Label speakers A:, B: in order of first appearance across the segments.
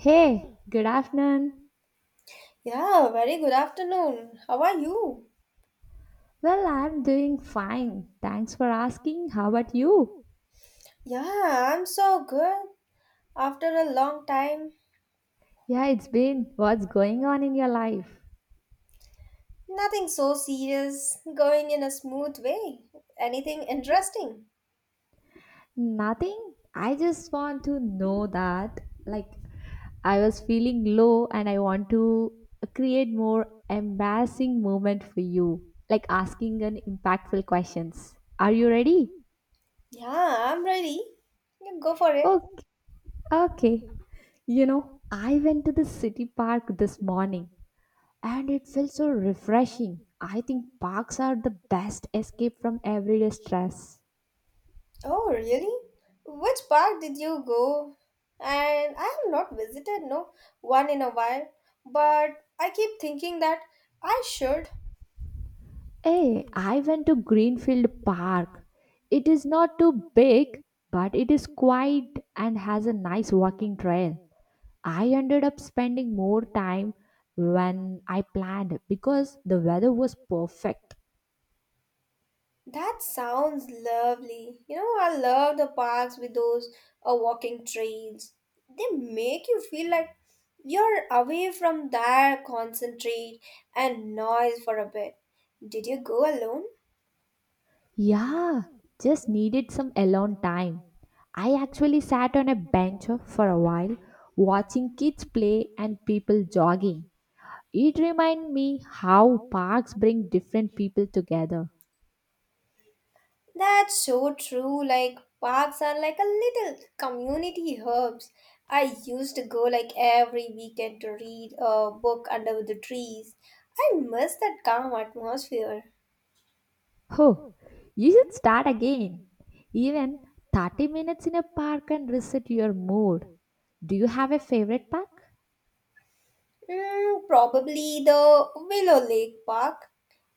A: Hey, good afternoon.
B: Yeah, very good afternoon. How are you?
A: Well, I'm doing fine. Thanks for asking. How about you?
B: Yeah, I'm so good. After a long time,
A: Yeah, it's been. What's going on in your life?
B: nothing so serious, going in a smooth way. Anything interesting?
A: Nothing. I just want to know that, like, I was feeling low and I want to create more embarrassing moment for you, like asking an impactful questions. Are you ready?
B: Yeah, I'm ready. You go for it.
A: Okay. Okay. You know, I went to the city park this morning and it felt so refreshing. I think parks are the best escape from everyday stress.
B: Oh, really? Which park did you go? And I have not visited no one in a while, but I keep thinking that I should.
A: Hey, I went to Greenfield Park. It is not too big, but it is quiet and has a nice walking trail. I ended up spending more time when I planned because the weather was perfect.
B: That sounds lovely. You know, I love the parks with those walking trails. They make you feel like you're away from that concentrate and noise for a bit. Did you go alone?
A: Yeah, just needed some alone time. I actually sat on a bench for a while, watching kids play and people jogging. It reminded me how parks bring different people together.
B: That's so true. Like, parks are like a little community hubs. I used to go like every weekend to read a book under the trees. I miss that calm atmosphere.
A: Oh, you should start again. Even 30 minutes in a park can reset your mood. Do you have a favorite park?
B: Mm, probably the Willow Lake Park.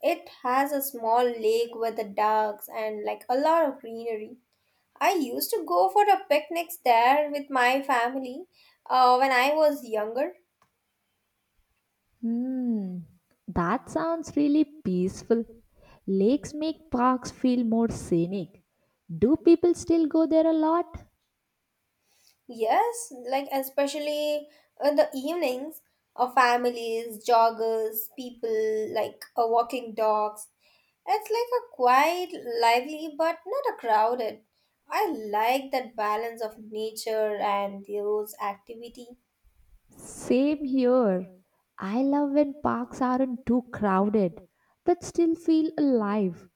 B: It has a small lake with the ducks and like a lot of greenery. I used to go for the picnics there with my family when I was younger.
A: Hmm, that sounds really peaceful. Lakes make parks feel more scenic. Do people still go there a lot?
B: Yes, like especially in the evenings, families, joggers, people like walking dogs. It's like a quiet, lively, but not a crowded. I like that balance of nature and those activity.
A: Same here. I love when parks aren't too crowded but still feel alive.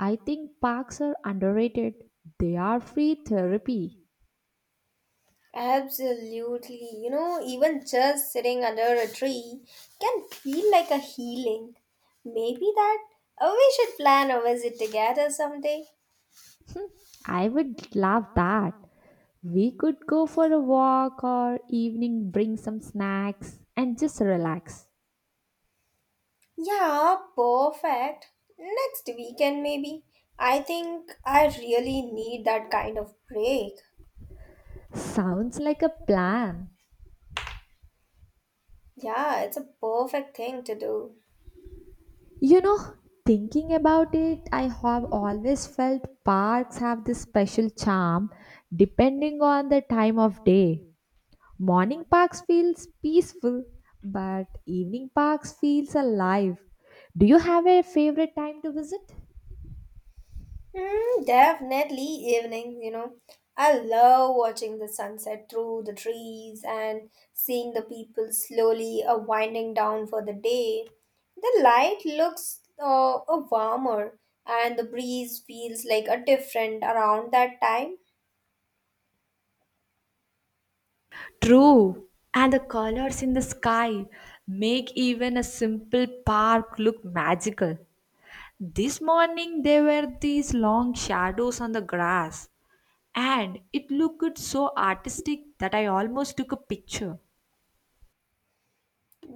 A: I think parks are underrated. They are free therapy.
B: Absolutely. You know, even just sitting under a tree can feel like a healing. Maybe that we should plan a visit together someday.
A: I would love that. We could go for a walk or evening, bring some snacks and just relax.
B: Yeah, perfect. Next weekend, maybe. I think I really need that kind of break.
A: Sounds like a plan.
B: Yeah, it's a perfect thing to do.
A: You know, thinking about it, I have always felt parks have this special charm depending on the time of day. Morning parks feels peaceful, but evening parks feels alive. Do you have a favorite time to visit?
B: Mm, definitely evening, you know. I love watching the sunset through the trees and seeing the people slowly winding down for the day. The light looks warmer and the breeze feels like a different around that time.
A: True. And the colors in the sky make even a simple park look magical. This morning there were these long shadows on the grass, and it looked so artistic that I almost took a picture.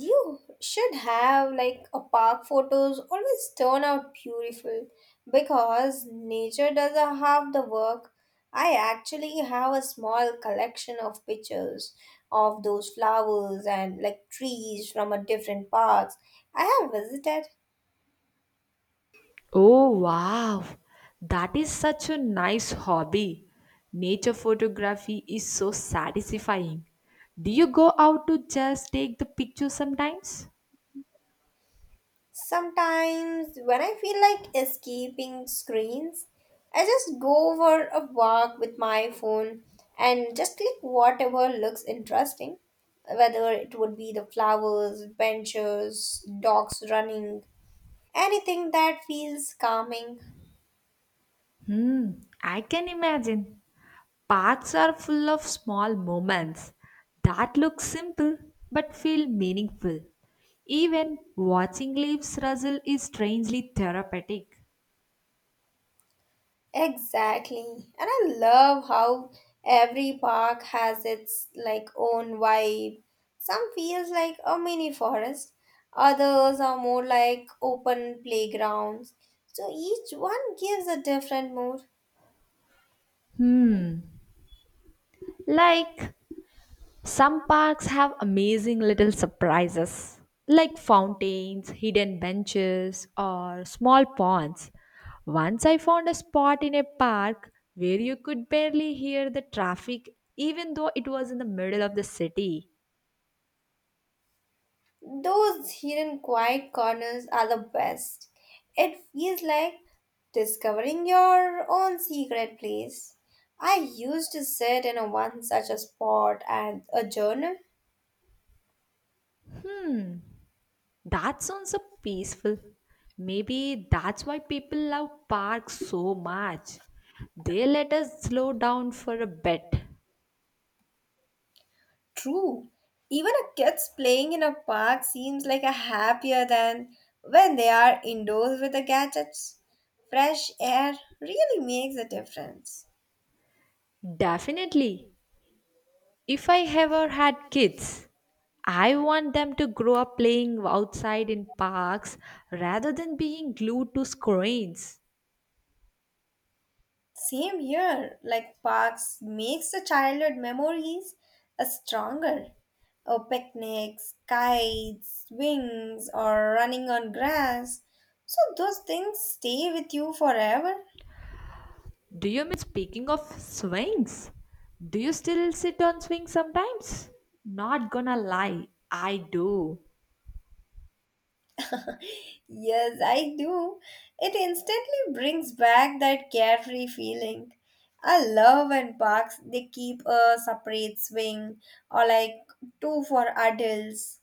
B: You should have like a park photos always turn out beautiful because nature does a half the work. I actually have a small collection of pictures of those flowers and like trees from a different parks I have visited.
A: Oh, wow. That is such a nice hobby. Nature photography is so satisfying. Do you go out to just take the picture sometimes?
B: Sometimes, when I feel like escaping screens, I just go for a walk with my phone and just click whatever looks interesting, whether it would be the flowers, benches, dogs running, anything that feels calming.
A: Hmm, I can imagine. Parks are full of small moments that look simple but feel meaningful. Even watching leaves rustle is strangely therapeutic.
B: Exactly. And I love how every park has its like own vibe. Some feels like a mini forest, others are more like open playgrounds. So each one gives a different mood.
A: Like, some parks have amazing little surprises like fountains, hidden benches, or small ponds. Once I found a spot in a park where you could barely hear the traffic even though it was in the middle of the city.
B: Those hidden quiet corners are the best. It feels like discovering your own secret place. I used to sit in a one such a spot and a journal.
A: That sounds so peaceful. Maybe that's why people love parks so much. They let us slow down for a bit.
B: True. Even a kids playing in a park seems like a happier than when they are indoors with the gadgets. Fresh air really makes a difference.
A: Definitely. If I ever had kids, I want them to grow up playing outside in parks rather than being glued to screens.
B: Same here, like parks makes the childhood memories a stronger. Oh, picnics, kites, swings, or running on grass. So those things stay with you forever.
A: Do you mean speaking of swings? Do you still sit on swings sometimes? Not gonna lie, I do.
B: Yes, I do. It instantly brings back that carefree feeling. I love when parks they keep a separate swing or like two for adults.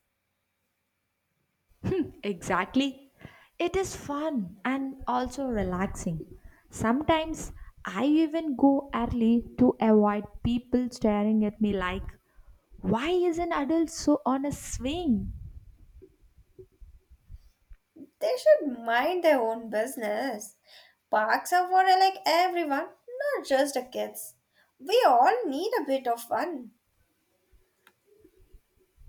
A: Exactly. It is fun and also relaxing. Sometimes I even go early to avoid people staring at me like, why is an adult so on a swing?
B: They should mind their own business. Parks are for like everyone, not just the kids. We all need a bit of fun.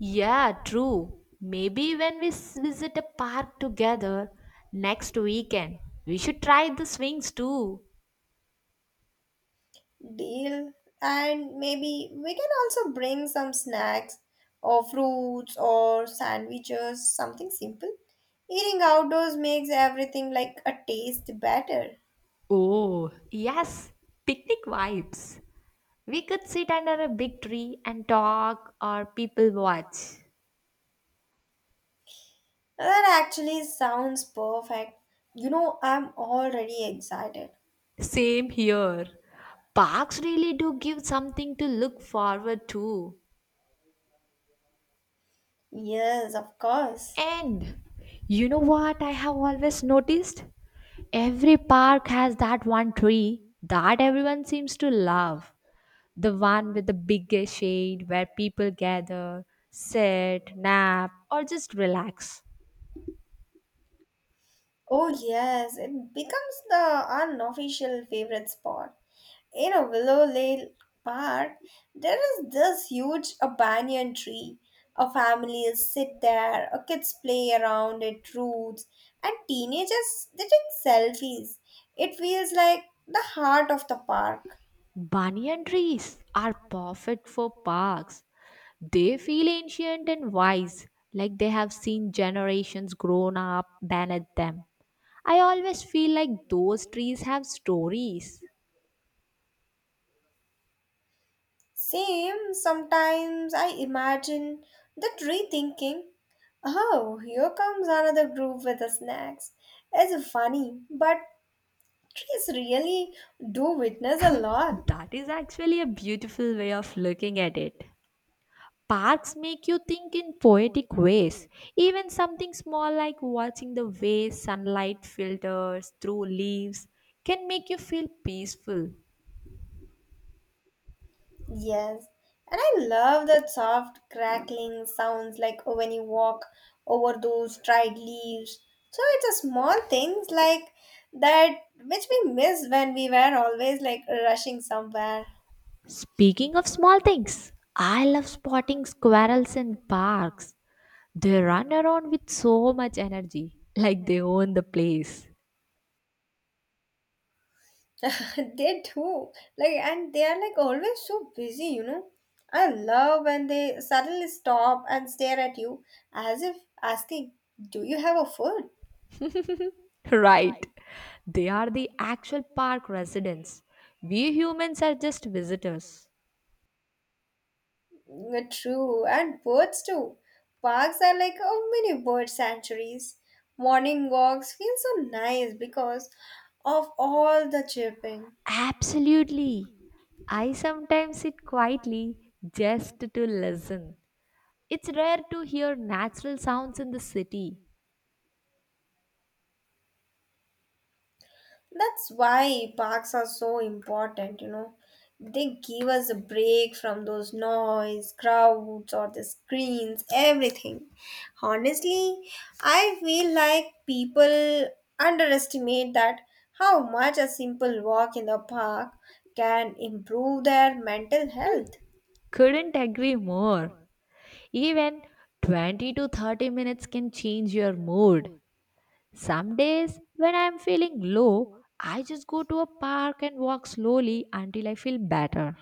A: Yeah, true. Maybe when visit a park together next weekend, we should try the swings too.
B: Deal. And maybe we can also bring some snacks or fruits or sandwiches, something simple. Eating outdoors makes everything like a taste better.
A: Oh, yes, picnic vibes. We could sit under a big tree and talk or people watch.
B: That actually sounds perfect. You know, I'm already excited.
A: Same here. Parks really do give something to look forward to.
B: Yes, of course.
A: And you know what I have always noticed? Every park has that one tree that everyone seems to love. The one with the biggest shade where people gather, sit, nap, or just relax.
B: Oh, yes, it becomes the unofficial favorite spot. You know Willow Lane Park, there is this huge a banyan tree. A families sit there, a kids play around its roots, and teenagers they take selfies. It feels like the heart of the park.
A: Banyan trees are perfect for parks. They feel ancient and wise, like they have seen generations grown up beneath them. I always feel like those trees have stories.
B: Same, sometimes I imagine the tree thinking, "Oh, here comes another group with the snacks." It's funny, but trees really do witness a lot.
A: That is actually a beautiful way of looking at it. Parks make you think in poetic ways. Even something small like watching the way sunlight filters through leaves can make you feel peaceful.
B: Yes, and I love that soft crackling sounds like oh, when you walk over those dried leaves. So it's a small things like that which we miss when we were always like rushing somewhere.
A: Speaking of small things, I love spotting squirrels in parks. They run around with so much energy, like they own the place.
B: They do like and they are like always so busy, you know. I love when they suddenly stop and stare at you as if asking, "Do you have a food?"
A: Right. They are the actual park residents. We humans are just visitors.
B: Mm, true, and birds too. Parks are like a mini bird sanctuaries. Morning walks feel so nice because of all the chirping.
A: Absolutely. I sometimes sit quietly just to listen. It's rare to hear natural sounds in the city.
B: That's why parks are so important, you know. They give us a break from those noise, crowds, or the screens, everything. Honestly, I feel like people underestimate that how much a simple walk in the park can improve their mental health.
A: Couldn't agree more. Even 20 to 30 minutes can change your mood. Some days, when I am feeling low, I just go to a park and walk slowly until I feel better.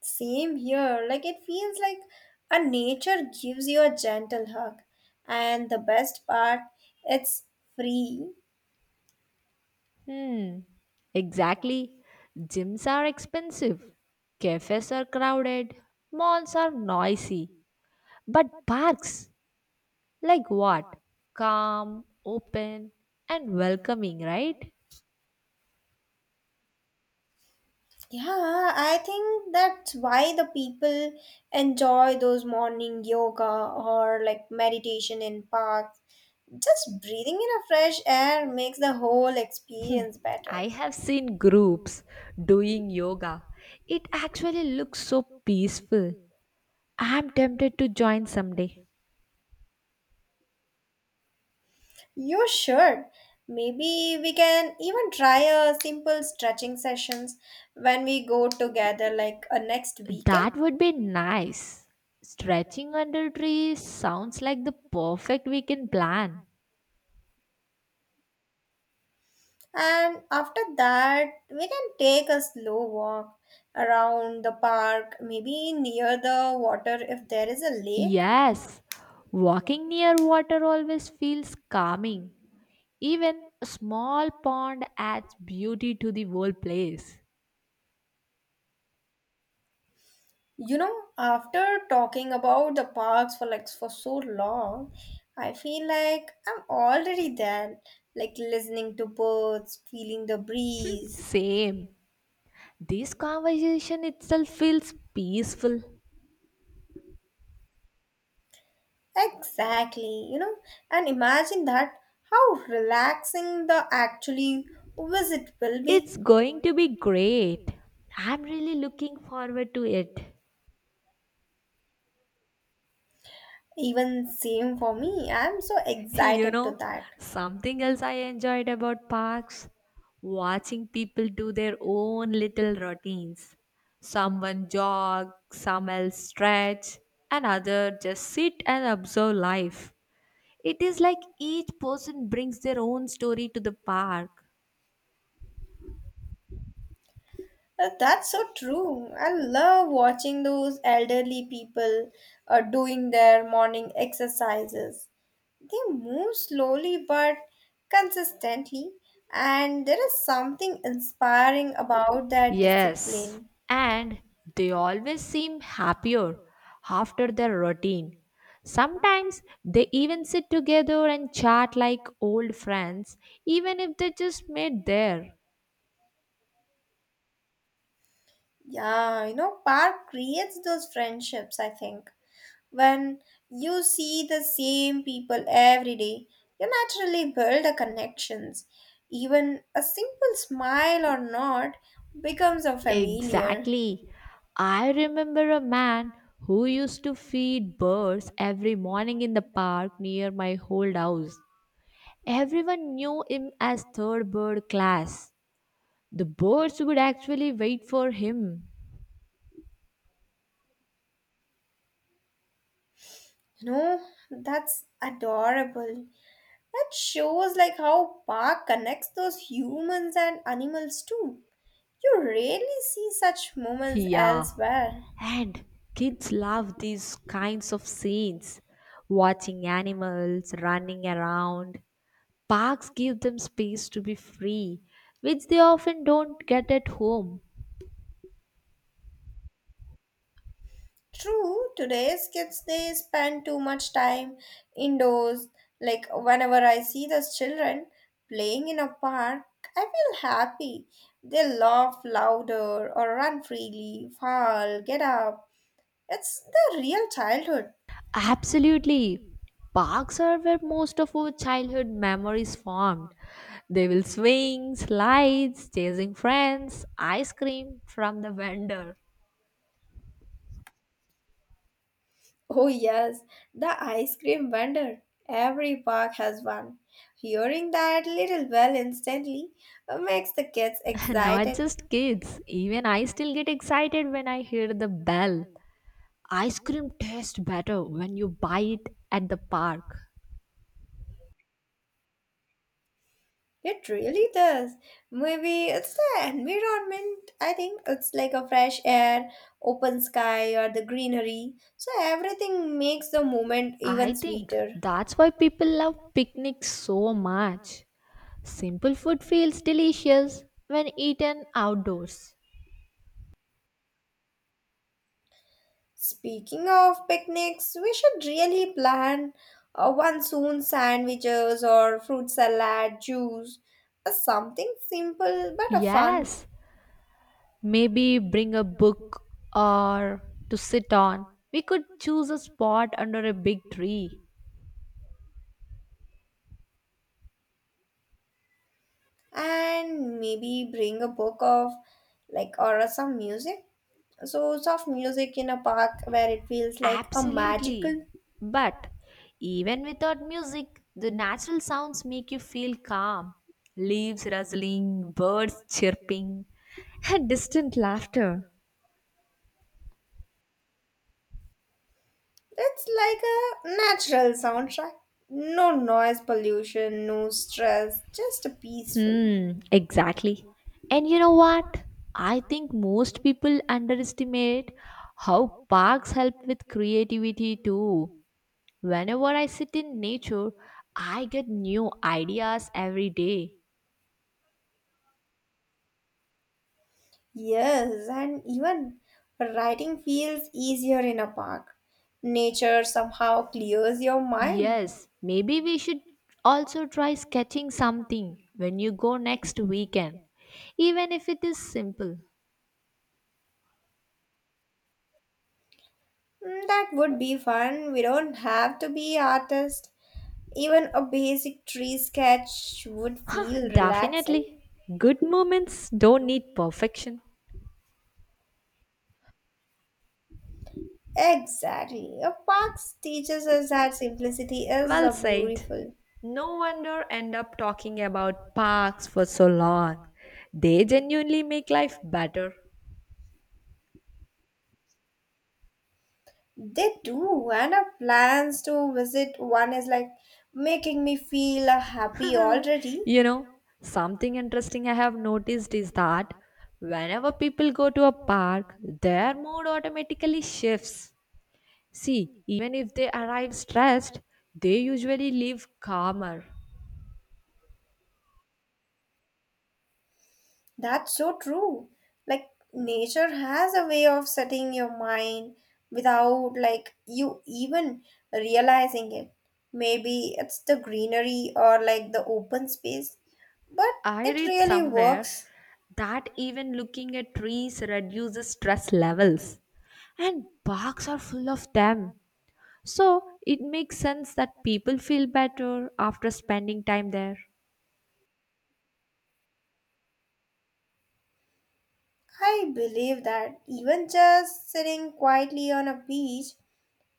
B: Same here, like it feels like a nature gives you a gentle hug. And the best part, it's free.
A: Hmm, exactly. Gyms are expensive, cafes are crowded, malls are noisy. But parks, like what? Calm, open, and welcoming, right?
B: Yeah, I think that's why the people enjoy those morning yoga or like meditation in parks. Just breathing in a fresh air makes the whole experience
A: I
B: better.
A: have seen groups doing yoga. It actually looks so peaceful. I'm tempted to join someday.
B: You should. Maybe we can even try a simple stretching sessions when we go together like a next weekend.
A: That would be nice. Stretching under trees sounds like the perfect weekend plan.
B: And after that, we can take a slow walk around the park, maybe near the water if there is a lake.
A: Yes, walking near water always feels calming. Even a small pond adds beauty to the whole place.
B: You know, after talking about the parks for like for so long, I feel like I'm already there, like listening to birds, feeling the breeze.
A: Same. This conversation itself feels peaceful.
B: Exactly, you know, and imagine that how relaxing the actually visit will be.
A: It's going to be great. I'm really looking forward to it.
B: Even same for me. I'm so
A: You
B: excited to
A: know,
B: that.
A: something else I enjoyed about parks, watching people do their own little routines. Someone jog, some else stretch, and other just sit and observe life. It is like each person brings their own story to the park.
B: That's so true. I love watching those elderly people doing their morning exercises. They move slowly but consistently, and there is something inspiring about that
A: Yes,
B: discipline.
A: and they always seem happier after their routine. Sometimes they even sit together and chat like old friends, even if they just met there.
B: Yeah, you know, park creates those friendships, I think. When you see the same people every day, you naturally build a connections. Even a simple smile or nod becomes a familiar.
A: Exactly. I remember a man who used to feed birds every morning in the park near my old house. Everyone knew him as third bird class. The birds would actually wait for him.
B: You know, that's adorable. That shows like how Park connects those humans and animals too. You rarely see such moments
A: Yeah,
B: elsewhere.
A: and kids love these kinds of scenes. Watching animals running around. Parks give them space to be free, which they often don't get at home.
B: True, today's kids they spend too much time indoors. Like whenever I see those children playing in a park, I feel happy. They laugh louder or run freely, fall, get up. It's the real childhood.
A: Absolutely. Parks are where most of our childhood memories formed. They will swing, slides, chasing friends, ice cream from the vendor.
B: Oh, yes, the ice cream vendor. Every park has one. Hearing that little bell instantly makes the kids
A: Not
B: excited.
A: just kids, even I still get excited when I hear the bell. Ice cream tastes better when you buy it at the park.
B: It really does. Maybe it's the environment. I think it's like a fresh air, open sky, or the greenery. So everything makes the moment
A: I
B: even
A: think
B: sweeter.
A: that's why people love picnics so much. Simple food feels delicious when eaten outdoors.
B: Speaking of picnics, we should really plan one soon, sandwiches or fruit salad, juice, something simple but fun,
A: Yes, maybe bring a book or to sit on. We could choose a spot under a big tree.
B: and maybe bring a book of like or some music. So soft music in a park where it feels like a magical.
A: Absolutely. But even without music, the natural sounds make you feel calm. Leaves rustling, birds chirping, and distant laughter.
B: It's like a natural soundtrack. No noise pollution, no stress, just a peaceful.
A: Hmm, exactly. And you know what? I think most people underestimate how parks help with creativity too. Whenever I sit in nature, I get new ideas every day.
B: Yes, and even writing feels easier in a park. Nature somehow clears your mind.
A: Yes, maybe we should also try sketching something when you go next weekend, even if it is simple.
B: Mm, that would be fun. We don't have to be artists. Even a basic tree sketch would feel relaxing.
A: Definitely. Good moments don't need perfection.
B: Exactly. A park teaches us that simplicity is
A: Well
B: a
A: said.
B: beautiful.
A: No wonder end up talking about parks for so long. They genuinely make life better.
B: They do, and our plans to visit one is like making me feel happy already.
A: You know, something interesting I have noticed is that whenever people go to a park, their mood automatically shifts. See, even if they arrive stressed, they usually leave calmer.
B: That's so true. Like nature has a way of setting your mind without like you even realizing it. Maybe it's the greenery or like the open space, but
A: I
B: it
A: read
B: really
A: somewhere
B: works.
A: that even looking at trees reduces stress levels, and parks are full of them. So it makes sense that people feel better after spending time there.
B: I believe that even just sitting quietly on a beach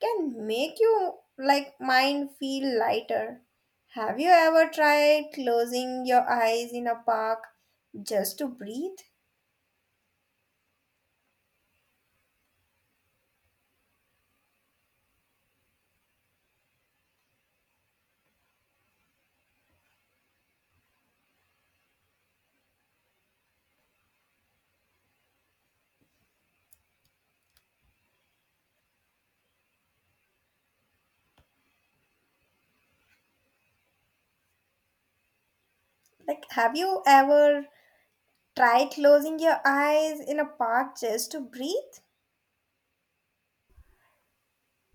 B: can make you like mind feel lighter. Have you ever tried closing your eyes in a park just to breathe? Like, have you ever tried closing your eyes in a park just to breathe?